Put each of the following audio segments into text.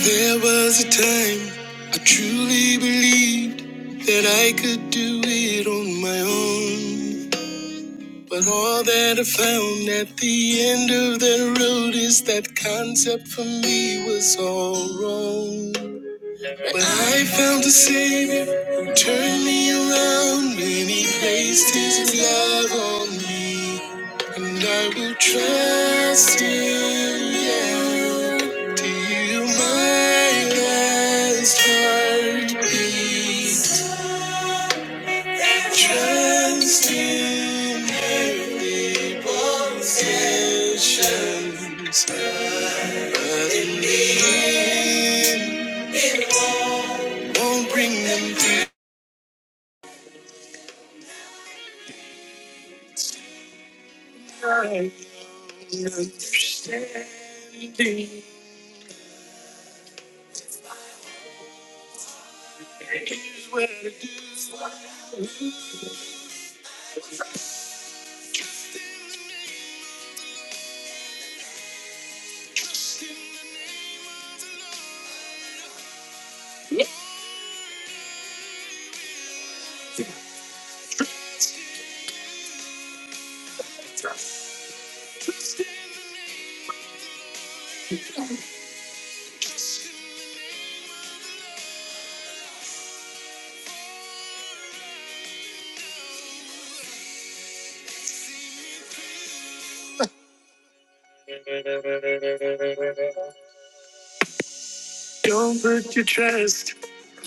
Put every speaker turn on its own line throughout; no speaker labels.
There was a time I truly believed that I could do it on my own. But all that I found at the end of that road is that concept for me was all wrong. But I found a savior who turned me around when he placed his love on me. And I will trust in you till You my last heartbeat. Trust in heavenly possessions, but in the end, won't bring them to nothing.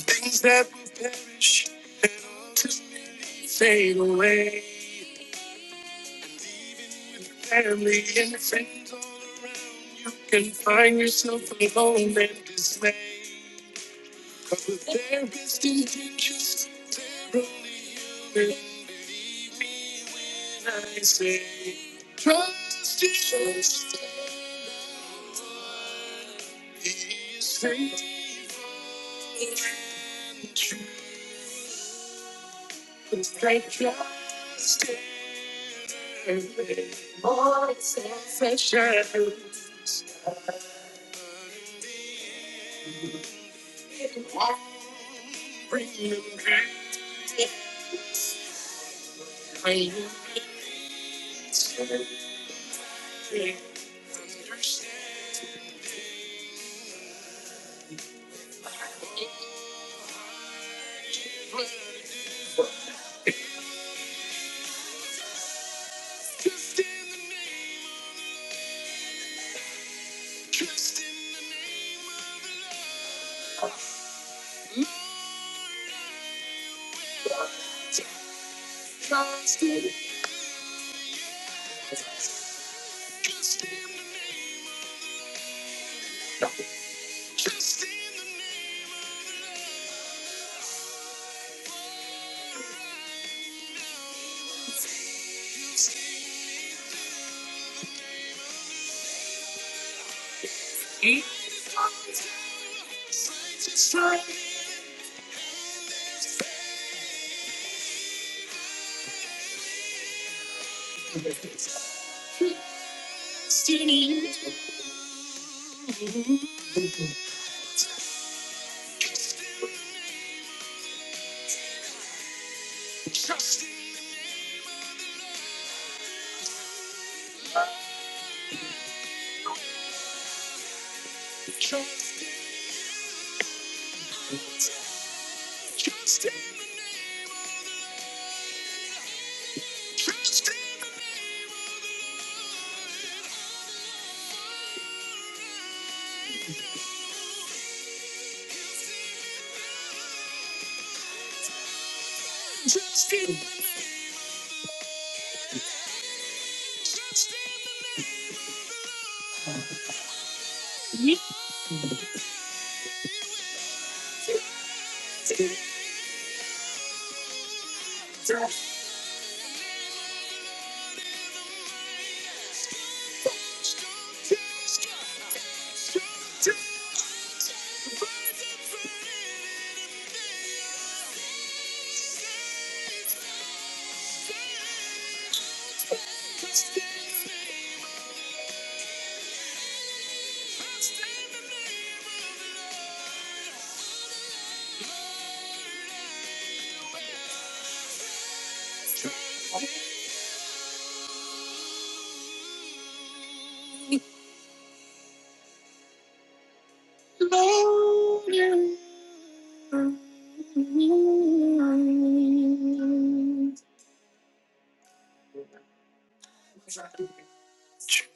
Things that will perish. Stand, stand,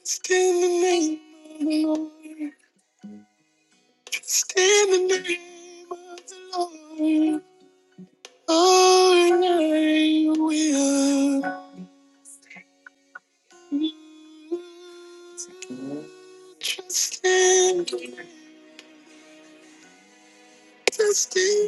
stand the name. Stand the name of the Lord. Oh, and I will. trust stand, trust in.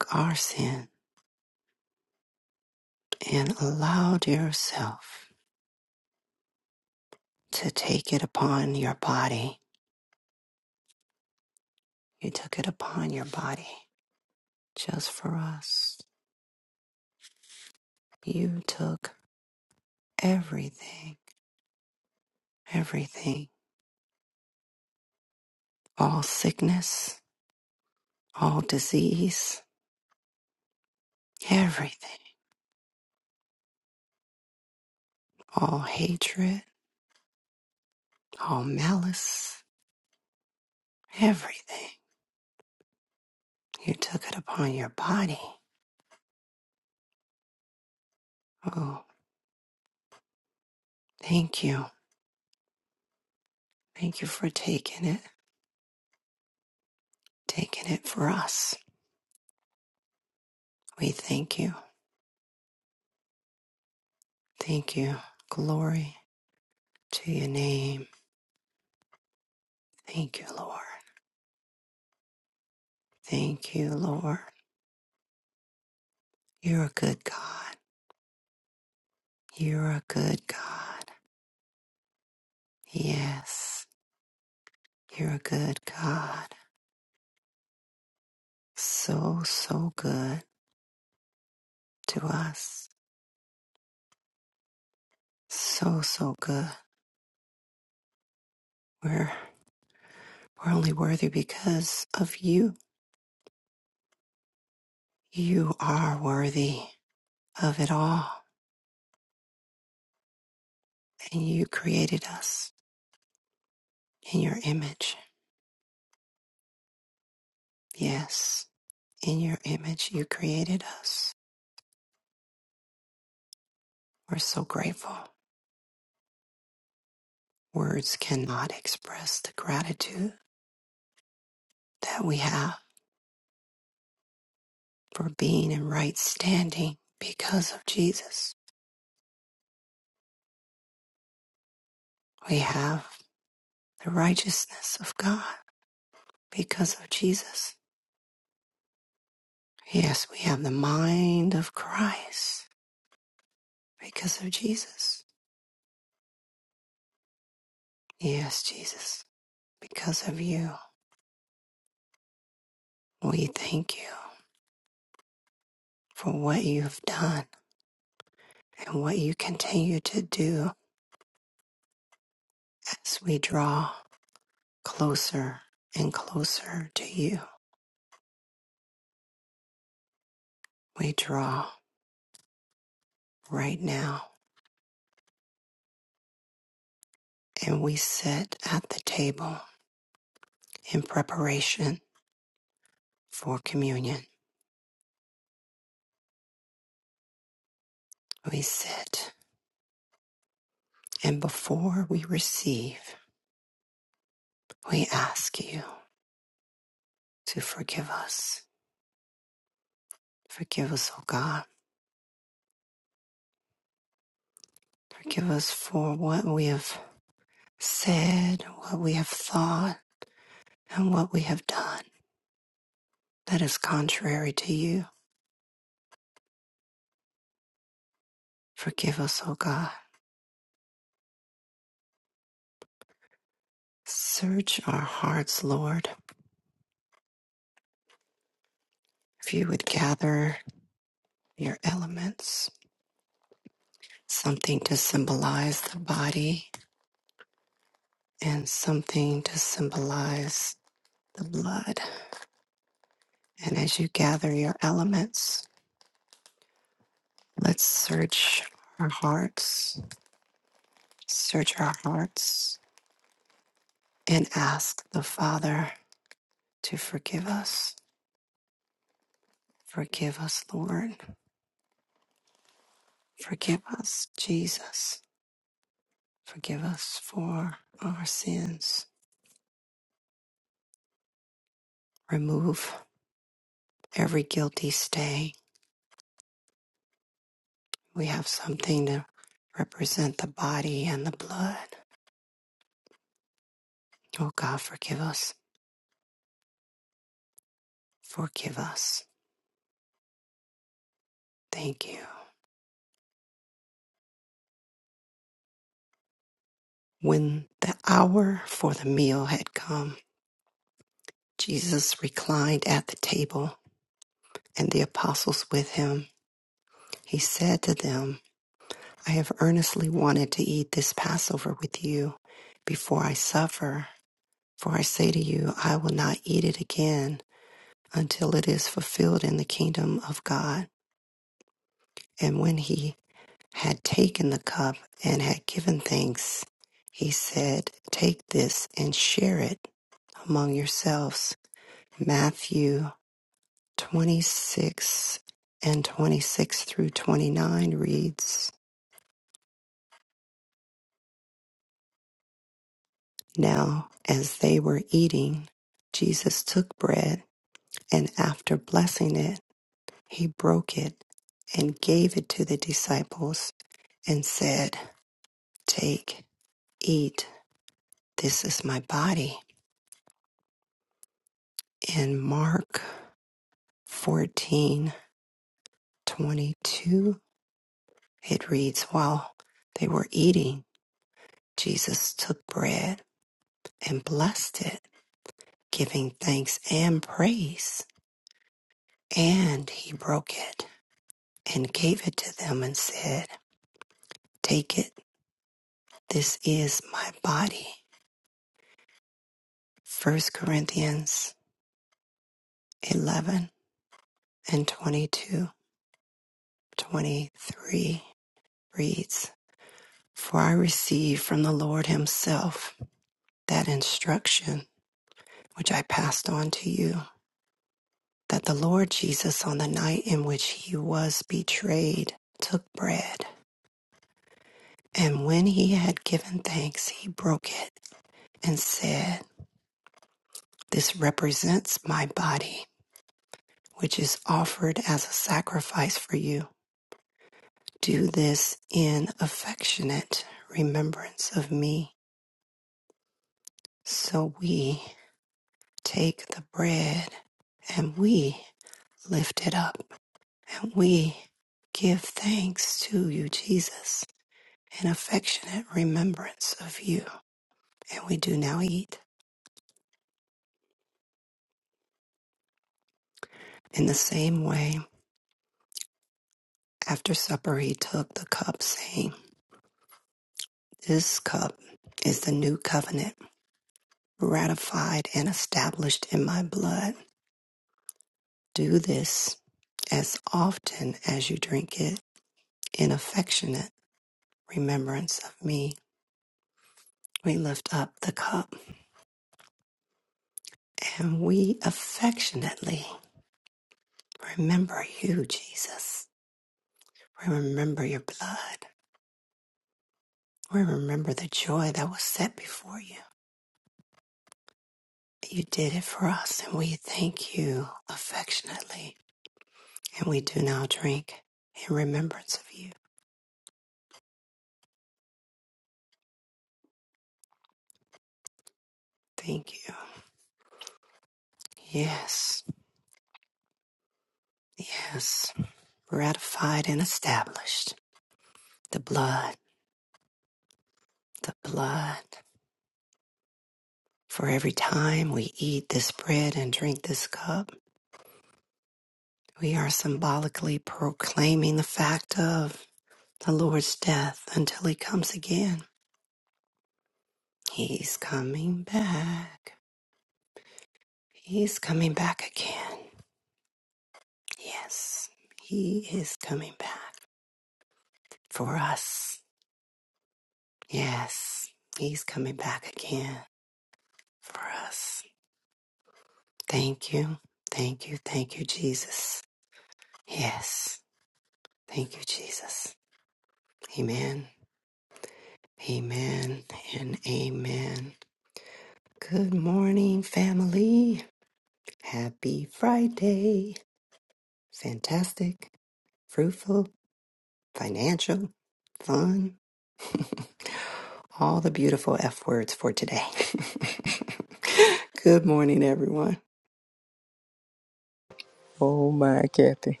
Oh my, Kathy.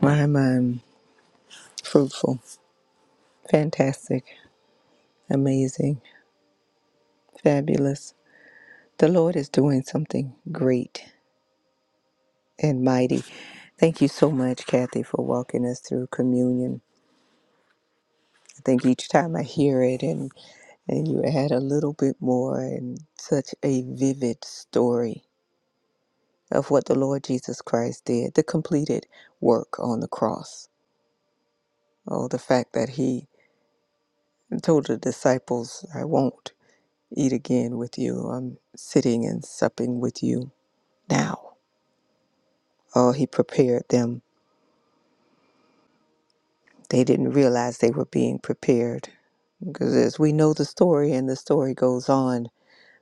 My, my, fruitful, fantastic, amazing, fabulous. The Lord is doing something great and mighty. Thank you so much, Kathy, for walking us through communion. I think each time I hear it and, and you add a little bit more and such a vivid story of what the Lord Jesus Christ did, the completed work on the cross. Oh, the fact that he told the disciples, I won't. eat again with you. I'm sitting and supping with you now. Oh, he prepared them. They didn't realize they were being prepared. Because as we know the story, and the story goes on,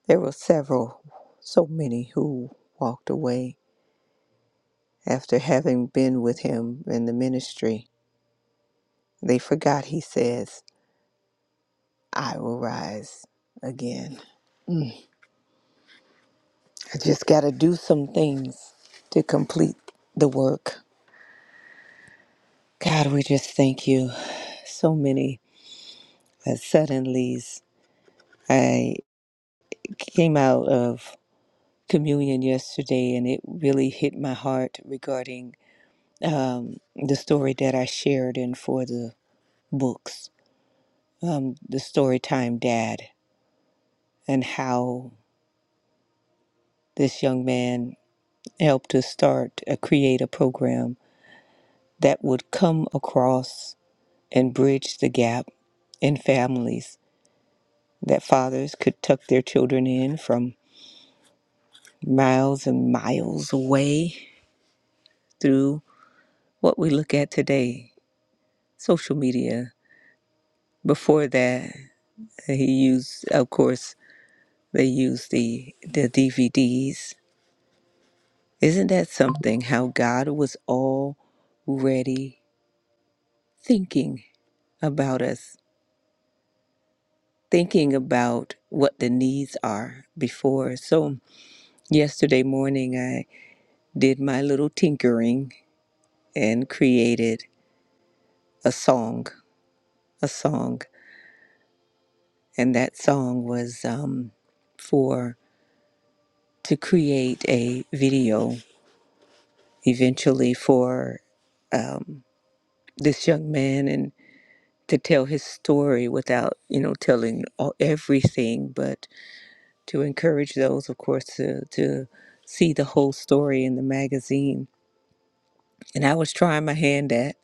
there were several, so many who walked away after having been with him in the ministry. They forgot, he says, I will rise again. I just got to do some things to complete the work. God, we just thank you. So many that suddenly I came out of communion yesterday and it really hit my heart regarding um, the story that I shared in for the books, um, the story time dad, and how this young man helped to start a create a program that would come across and bridge the gap in families that fathers could tuck their children in from miles and miles away through what we look at today social media before that he used of course they used the the dvds isn't that something how god was already thinking about us thinking about what the needs are before so yesterday morning i did my little tinkering and created a song a song and that song was um, for to create a video eventually for um, this young man and to tell his story without you know telling all, everything but to encourage those of course to, to see the whole story in the magazine and i was trying my hand at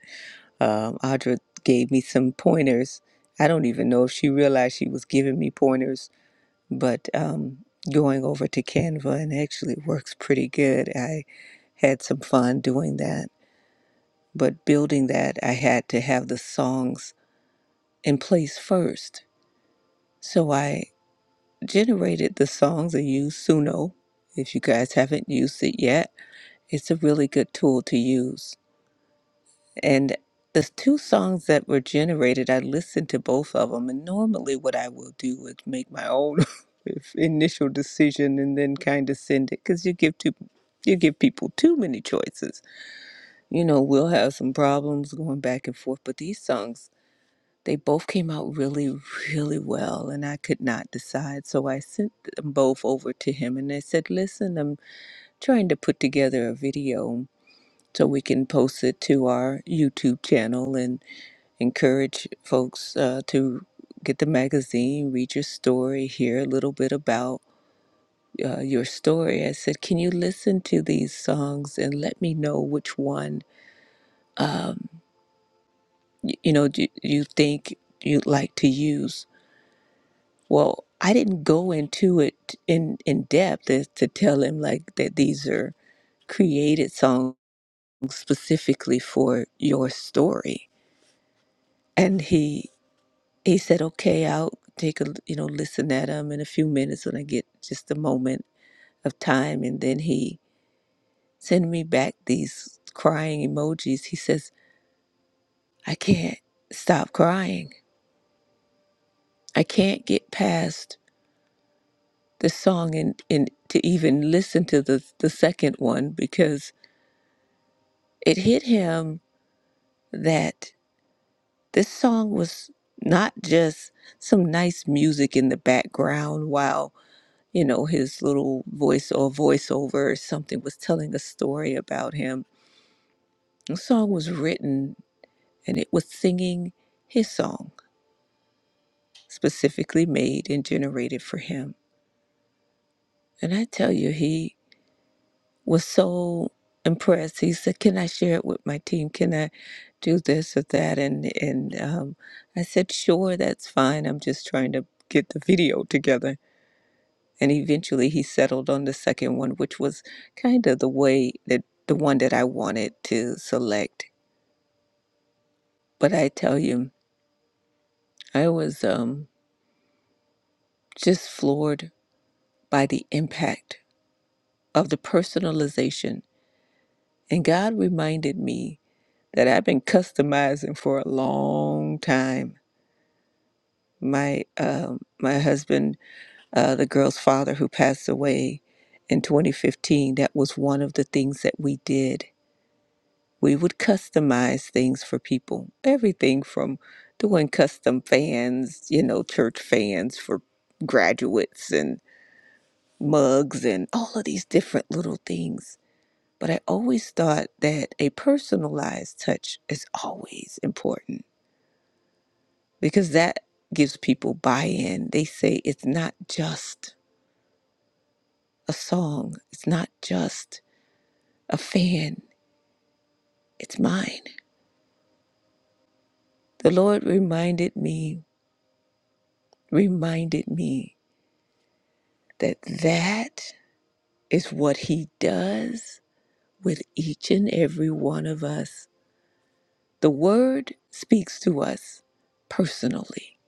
um, audra gave me some pointers i don't even know if she realized she was giving me pointers but um, going over to canva and actually it works pretty good i had some fun doing that But building that, I had to have the songs in place first. So I generated the songs and used Suno. If you guys haven't used it yet, it's a really good tool to use. And the two songs that were generated, I listened to both of them. And normally, what I will do is make my own if- initial decision and then kind of send it because you give too you give people too many choices. You know, we'll have some problems going back and forth, but these songs They both came out really, really well, and I could not decide. So I sent them both over to him and I said, Listen, I'm trying to put together a video so we can post it to our YouTube channel and encourage folks uh, to get the magazine, read your story, hear a little bit about uh, your story. I said, Can you listen to these songs and let me know which one um, y- you know you, you think you'd like to use? Well, I didn't go into it in, in depth as to tell him like that these are created songs specifically for your story. And he he said, "Okay, I'll take a you know listen at them in a few minutes when I get just a moment of time." And then he sent me back these crying emojis. He says, "I can't stop crying. I can't get past the song and and to even listen to the the second one because." it hit him that this song was not just some nice music in the background while you know his little voice or voiceover or something was telling a story about him the song was written and it was singing his song specifically made and generated for him and i tell you he was so impressed. He said, "Can I share it with my team? Can I do this or that?" And and um, I said, "Sure, that's fine. I'm just trying to get the video together." And eventually, he settled on the second one, which was kind of the way that the one that I wanted to select. But I tell you, I was um, just floored by the impact of the personalization. And God reminded me that I've been customizing for a long time my um, my husband, uh, the girl's father who passed away in 2015, that was one of the things that we did. We would customize things for people, everything from doing custom fans, you know, church fans for graduates and mugs and all of these different little things. But I always thought that a personalized touch is always important because that gives people buy in. They say it's not just a song. It's not just a fan. It's mine. The Lord reminded me, reminded me that that is what He does with each and every one of us. The Word speaks to us personally,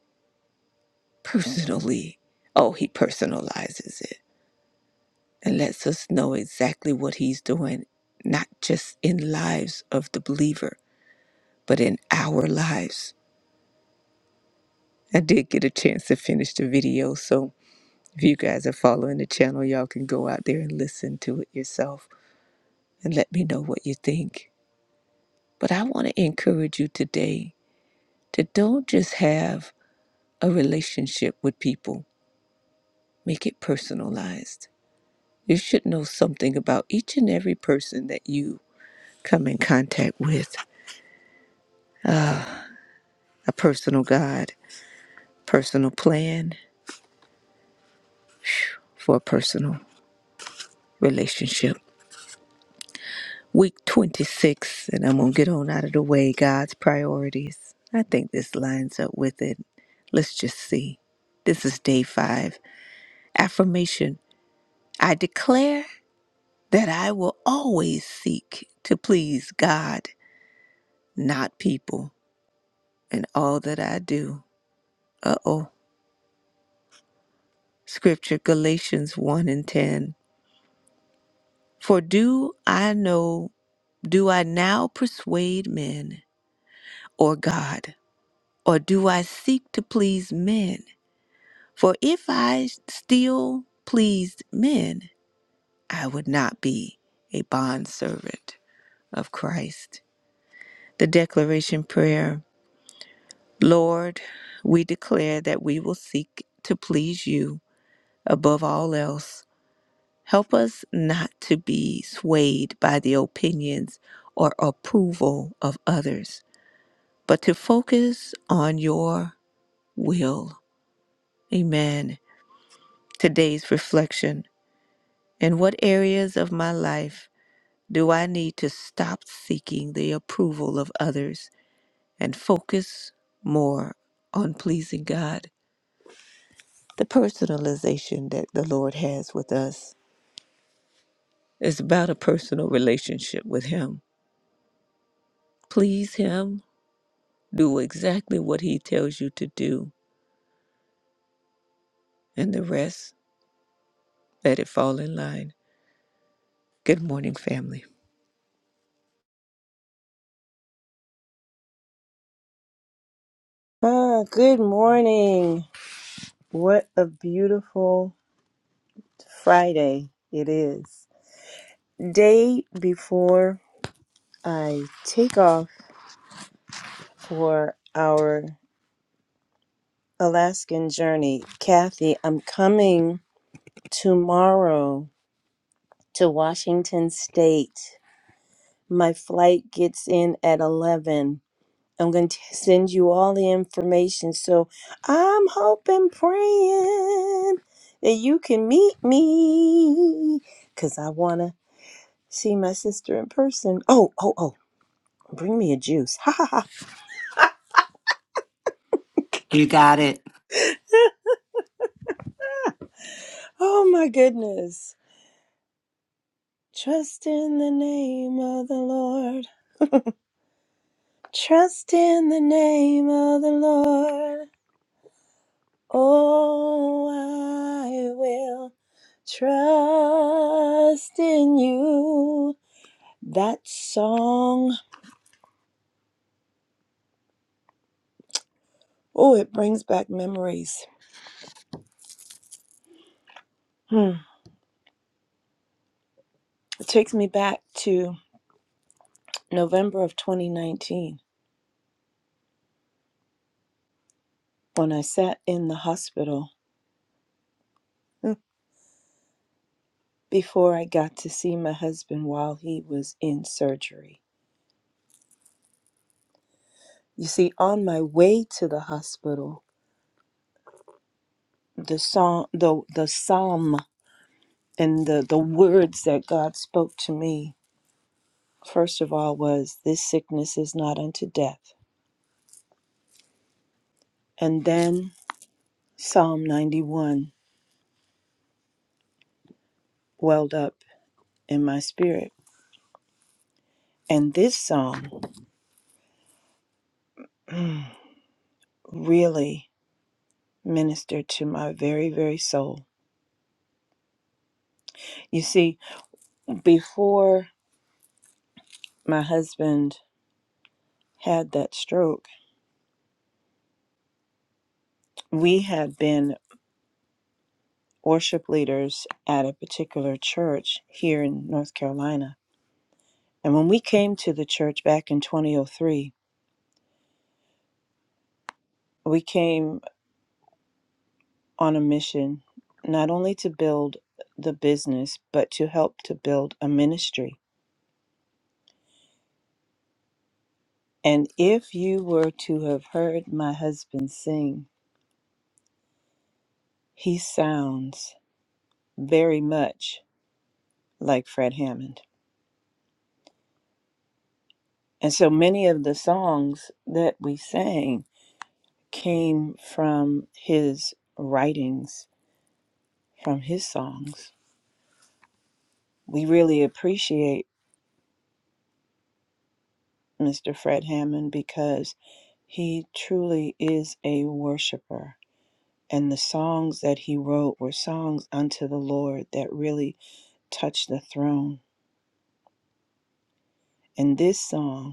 personally. Oh, He personalizes it and lets us know exactly what He's doing, not just in lives of the believer, but in our lives I did get a chance to finish the video, so if you guys are following the channel, y'all can go out there and listen to it yourself and let me know what you think. But I want to encourage you today to don't just have a relationship with people, make it personalized. You should know something about each and every person that you come in contact with a personal God, personal plan for a personal relationship. Week 26, and I'm going to get on out of the way. God's priorities. I think this lines up with it. Let's just see. This is day five. Affirmation I declare that I will always seek to please God, not people, in all that I do. Uh oh. Scripture Galatians 1 and 10. For do I know do I now persuade men or God, or do I seek to please men? For if I still pleased men, I would not be a bondservant of Christ. The declaration prayer Lord, we declare that we will seek to please you above all else. Help us not to be swayed by the opinions or approval of others, but to focus on your will. Amen. Today's reflection In what areas of my life? Do I need to stop seeking the approval of others and focus more on pleasing God? The personalization that the Lord has with us is about a personal relationship with Him. Please Him, do exactly what He tells you to do, and the rest, let it fall in line. Good morning, family.
Ah, good morning. What a beautiful Friday it is. Day before I take off for our Alaskan journey. Kathy, I'm coming tomorrow to Washington State. My flight gets in at 11. I'm going to send you all the information. So I'm hoping, praying that you can meet me because I want to see my sister in person. Oh, oh, oh, bring me a juice. Ha ha ha. Oh my goodness. Trust in the name of the Lord. Trust in the name of the Lord. Oh, I will trust in you. That song, oh, it brings back memories. Hmm. It takes me back to November of 2019 when I sat in the hospital hmm, before I got to see my husband while he was in surgery. You see, on my way to the hospital, the song, the the psalm, and the the words that God spoke to me first of all was, "This sickness is not unto death," and then Psalm 91 welled up in my spirit. And this song really ministered to my very, very soul. You see, before my husband had that stroke, we had been worship leaders at a particular church here in North Carolina. And when we came to the church back in 2003, we came on a mission not only to build the business, but to help to build a ministry. And if you were to have heard my husband sing, he sounds very much like Fred Hammond. And so many of the songs that we sang came from his writings, from his songs. We really appreciate Mr. Fred Hammond because he truly is a worshiper. And the songs that he wrote were songs unto the Lord that really touched the throne. And this song,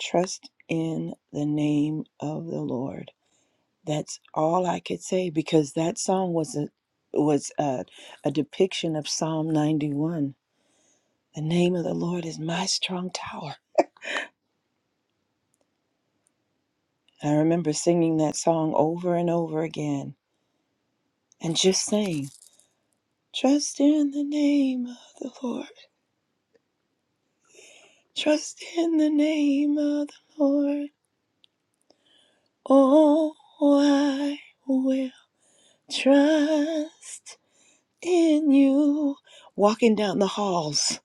Trust in the name of the Lord. That's all I could say because that song was a was a, a depiction of Psalm 91. The name of the Lord is my strong tower. I remember singing that song over and over again and just saying, Trust in the name of the Lord. Trust in the name of the Lord. Oh, I will trust in you. Walking down the halls,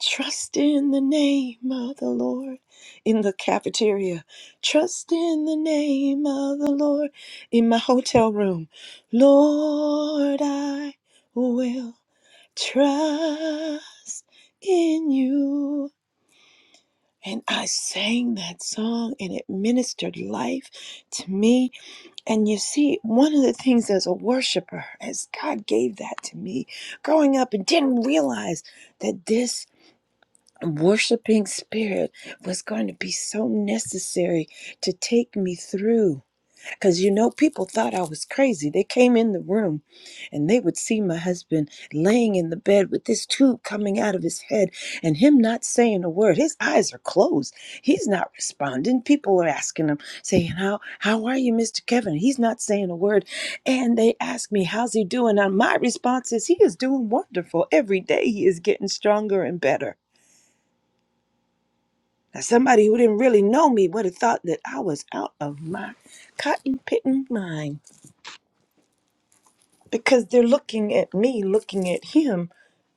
trust in the name of the Lord. In the cafeteria, trust in the name of the Lord. In my hotel room, Lord, I will trust in you. And I sang that song and it ministered life to me and you see, one of the things as a worshiper, as God gave that to me growing up and didn't realize that this worshiping spirit was going to be so necessary to take me through because you know, people thought I was crazy. They came in the room and they would see my husband laying in the bed with this tube coming out of his head and him not saying a word. His eyes are closed. He's not responding. People are asking him, saying, How how are you, Mr. Kevin? He's not saying a word. And they ask me, How's he doing? And my response is, He is doing wonderful. Every day he is getting stronger and better. Now, somebody who didn't really know me would have thought that I was out of my cotton picking mind. because they're looking at me, looking at him,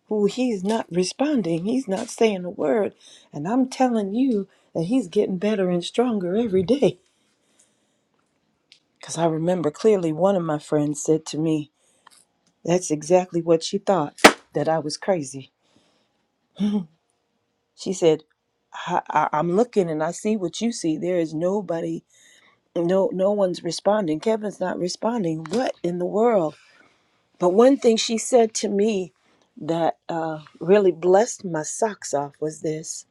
who he's not responding. He's not saying a word. And I'm telling you that he's getting better and stronger every day. Because I remember clearly one of my friends said to me, That's exactly what she thought, that I was crazy. She said, I, I, I'm looking and I see what you see. There is nobody, no, no one's responding. Kevin's not responding. What in the world? But one thing she said to me that uh, really blessed my socks off was this.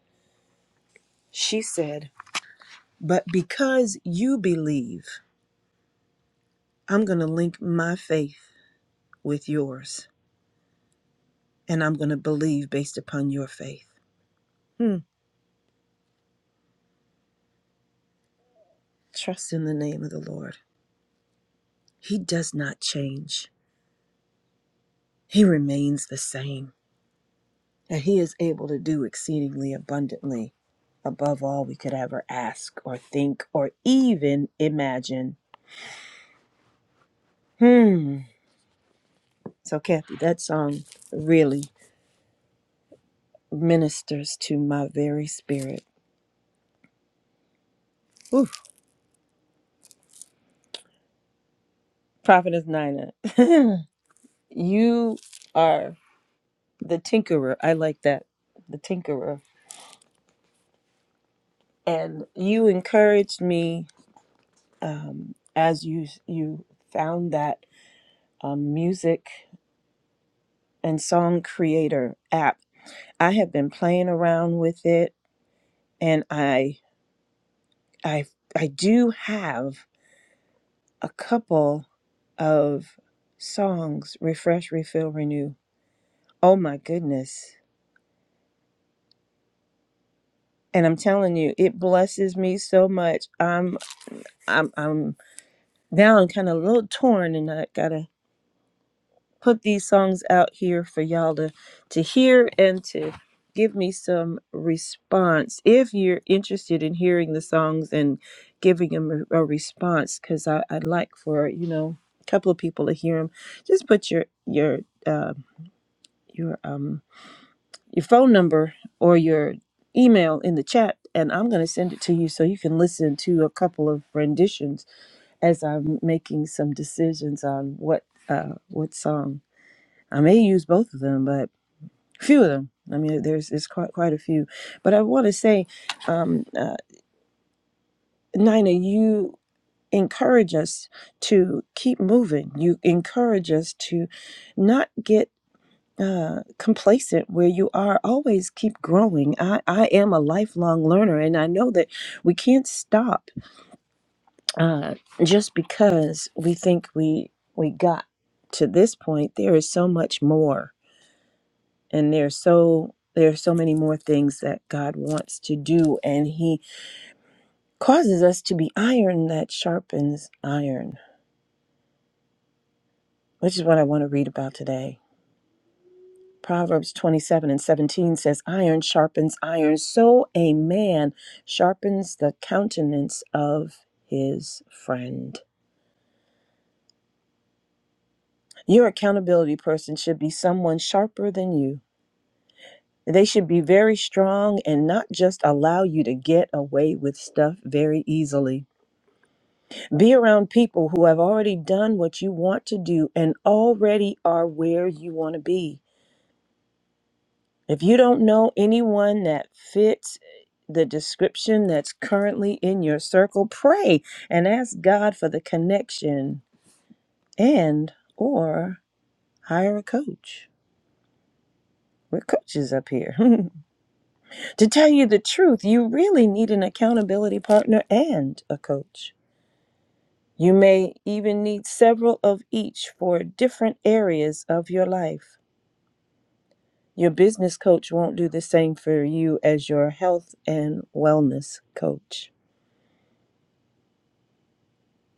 She said, But because you believe, I'm going to link my faith with yours, and I'm going to believe based upon your faith. Hmm. Trust in the name of the Lord. He does not change, He remains the same, and He is able to do exceedingly abundantly above all we could ever ask or think or even imagine. Hmm. So, Kathy, that song really ministers to my very spirit. Oof. Prophetess Nina, you are the tinkerer. I like that, the tinkerer. And you encouraged me um, as you you found that um, music and song creator app. I have been playing around with it, and I I I do have a couple of songs refresh refill renew oh my goodness and i'm telling you it blesses me so much i'm i'm i'm now i'm kind of a little torn and i gotta put these songs out here for y'all to to hear and to give me some response if you're interested in hearing the songs and giving them a, a response because i'd like for you know a couple of people to hear them just put your your uh, your um your phone number or your email in the chat and I'm going to send it to you so you can listen to a couple of renditions as I'm making some decisions on what uh what song. I may use both of them, but a few of them. I mean there's it's quite quite a few. But I want to say um uh, Nina you encourage us to keep moving. You encourage us to not get uh, complacent where you are always keep growing I, I am a lifelong learner and i know that we can't stop uh, just because we think we we got to this point there is so much more and there's so there are so many more things that god wants to do and he causes us to be iron that sharpens iron which is what i want to read about today Proverbs 27 and 17 says, Iron sharpens iron, so a man sharpens the countenance of his friend. Your accountability person should be someone sharper than you. They should be very strong and not just allow you to get away with stuff very easily. Be around people who have already done what you want to do and already are where you want to be. If you don't know anyone that fits eh, the description that's currently in your circle, pray and ask God for the connection and or hire a coach. We're coaches up here. to tell you the truth, you really need an accountability partner and a coach. You may even need several of each for different areas of your life. Your business coach won't do the same for you as your health and wellness coach.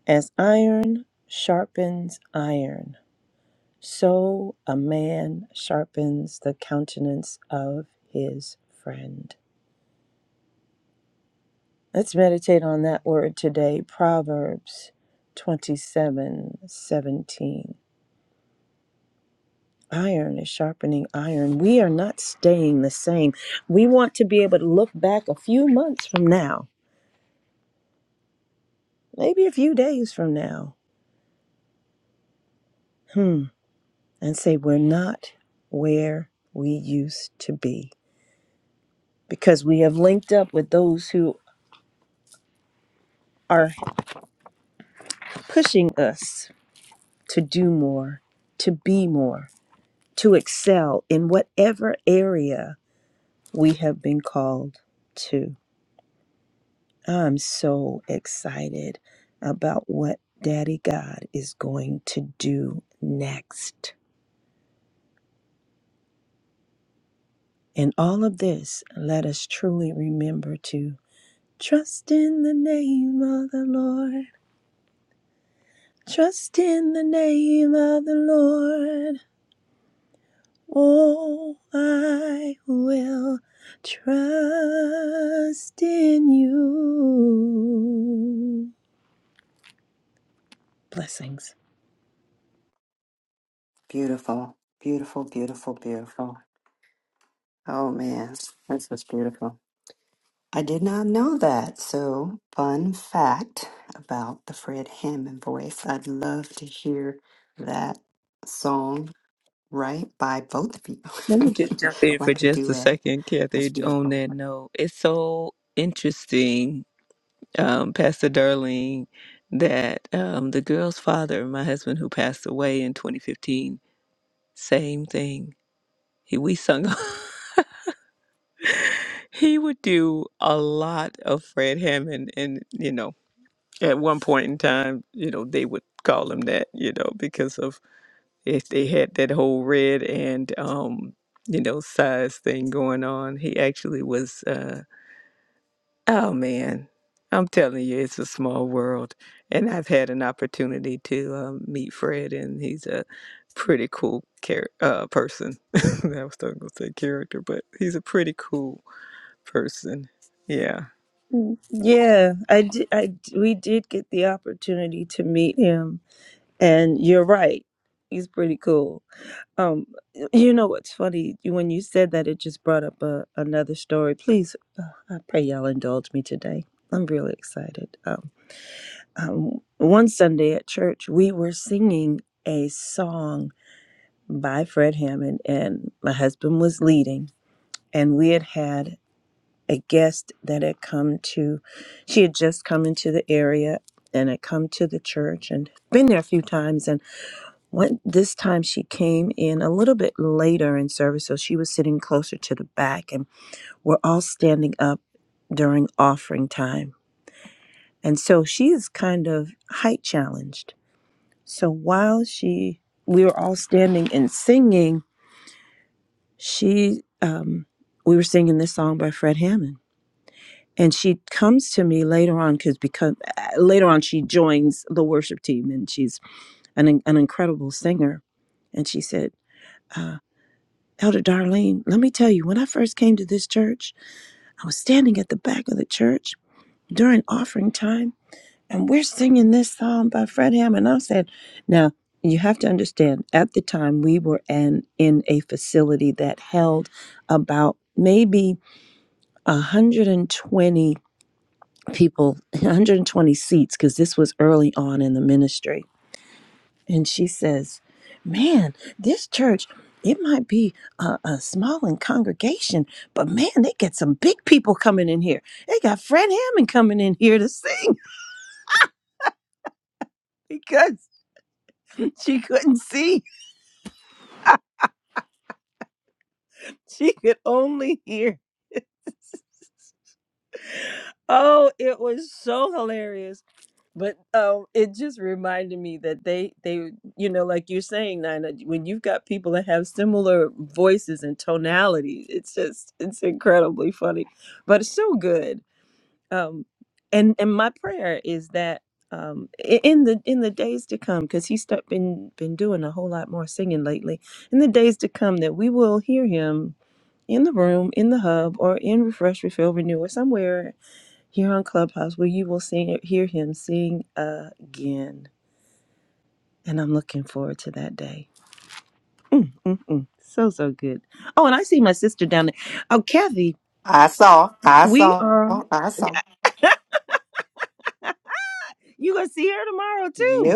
As iron sharpens iron, so a man sharpens the countenance of his friend. Let's meditate on that word today, Proverbs twenty-seven seventeen. Iron is sharpening iron. We are not staying the same. We want to be able to look back a few months from now, maybe a few days from now, hmm, and say, we're not where we used to be because we have linked up with those who are pushing us to do more, to be more, to excel in whatever area we have been called to. I'm so excited about what Daddy God is going to do next. In all of this, let us truly remember to trust in the name of the Lord. Trust in the name of the Lord. Oh, I will trust in you. Blessings.
Let me just jump in for just a second, Kathy, on that note. It's so interesting um, Pastor Darling that um, the girl's father, my husband who passed away in 2015, same thing. He we sung. he would do a lot of Fred Hammond, and you know, at one point in time, you know, they would call him that, you know, because of if they had that whole red and um, you know size thing going on. He actually was. Uh, Oh man, I'm telling you, it's a small world. And I've had an opportunity to um, meet Fred, and he's a pretty cool char- uh, person. I was going to say character, but he's a pretty cool person. Yeah.
Yeah, I did. I d- we did get the opportunity to meet him, and you're right. He's pretty cool. Um, you know what's funny? When you said that, it just brought up a, another story. Please, uh, I pray y'all indulge me today. I'm really excited. Um, um, one Sunday at church, we were singing a song by Fred Hammond, and my husband was leading. And we had had a guest that had come to, she had just come into the area and had come to the church and been there a few times. And one, this time she came in a little bit later in service, so she was sitting closer to the back, and we're all standing up during offering time. And so she is kind of height challenged. So while she, we were all standing and singing, she, um, we were singing this song by Fred Hammond, and she comes to me later on because because uh, later on she joins the worship team and she's an an incredible singer, and she said. Uh, Elder Darlene, let me tell you, when I first came to this church, I was standing at the back of the church during offering time, and we're singing this song by Fred Hammond. I said, now you have to understand, at the time we were in, in a facility that held about maybe 120 people, 120 seats, because this was early on in the ministry. And she says, man, this church, it might be a, a small in congregation, but man, they get some big people coming in here. They got Fred Hammond coming in here to sing because she couldn't see She could only hear. Oh, it was so hilarious. But um, it just reminded me that they they you know like you're saying Nina, when you've got people that have similar voices and tonalities, it's just it's incredibly funny, but it's so good um and and my prayer is that um i- in the in the days to come because he's start, been been doing a whole lot more singing lately in the days to come that we will hear him in the room in the hub or in refresh refill renew or somewhere here on clubhouse where you will sing hear him sing again and i'm looking forward to that day mm, mm, mm. so so good oh and i see my sister down there oh kathy we are you gonna see her tomorrow too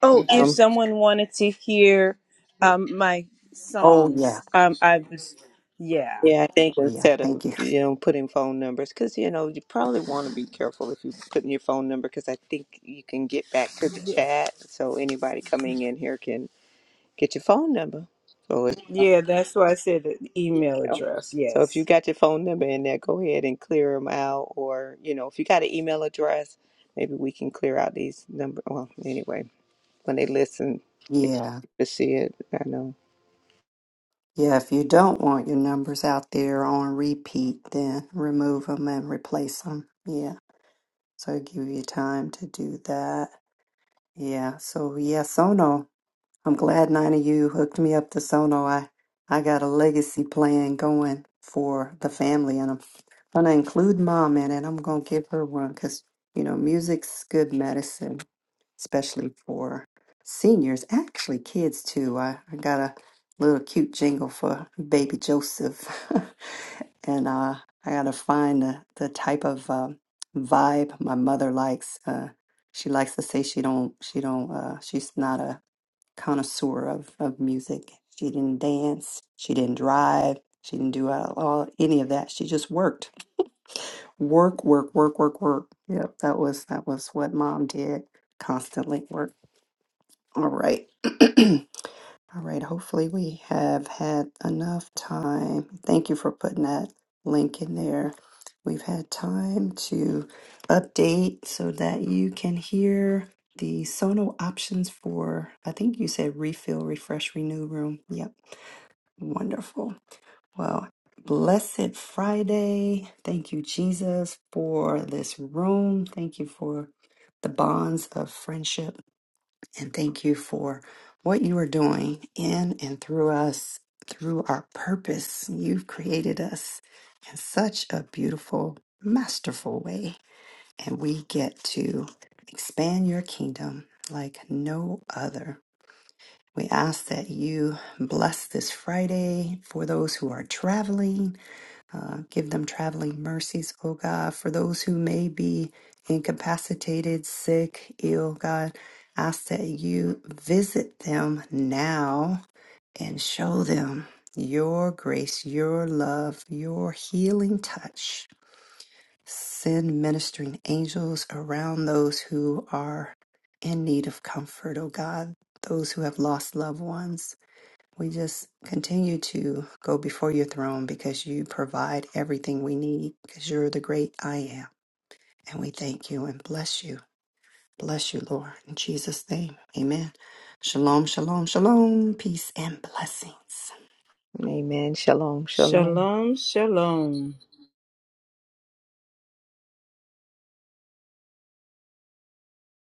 Oh, if
Um,
someone wanted to hear um my songs, um I was yeah.
yeah, I think instead of you know putting phone numbers, because you know you probably want to be careful if you're putting your phone number, because I think you can get back to the chat, so anybody coming in here can get your phone number. So
Yeah, that's why I said the email
know.
address.
So if you
Yes.
got your phone number in there, go ahead and clear them out. Or, you know, if you got an email address, maybe we can clear out these number. Well, anyway, when they listen, they to see it. I know. Amen. Shalom. Shalom.
Shalom, shalom.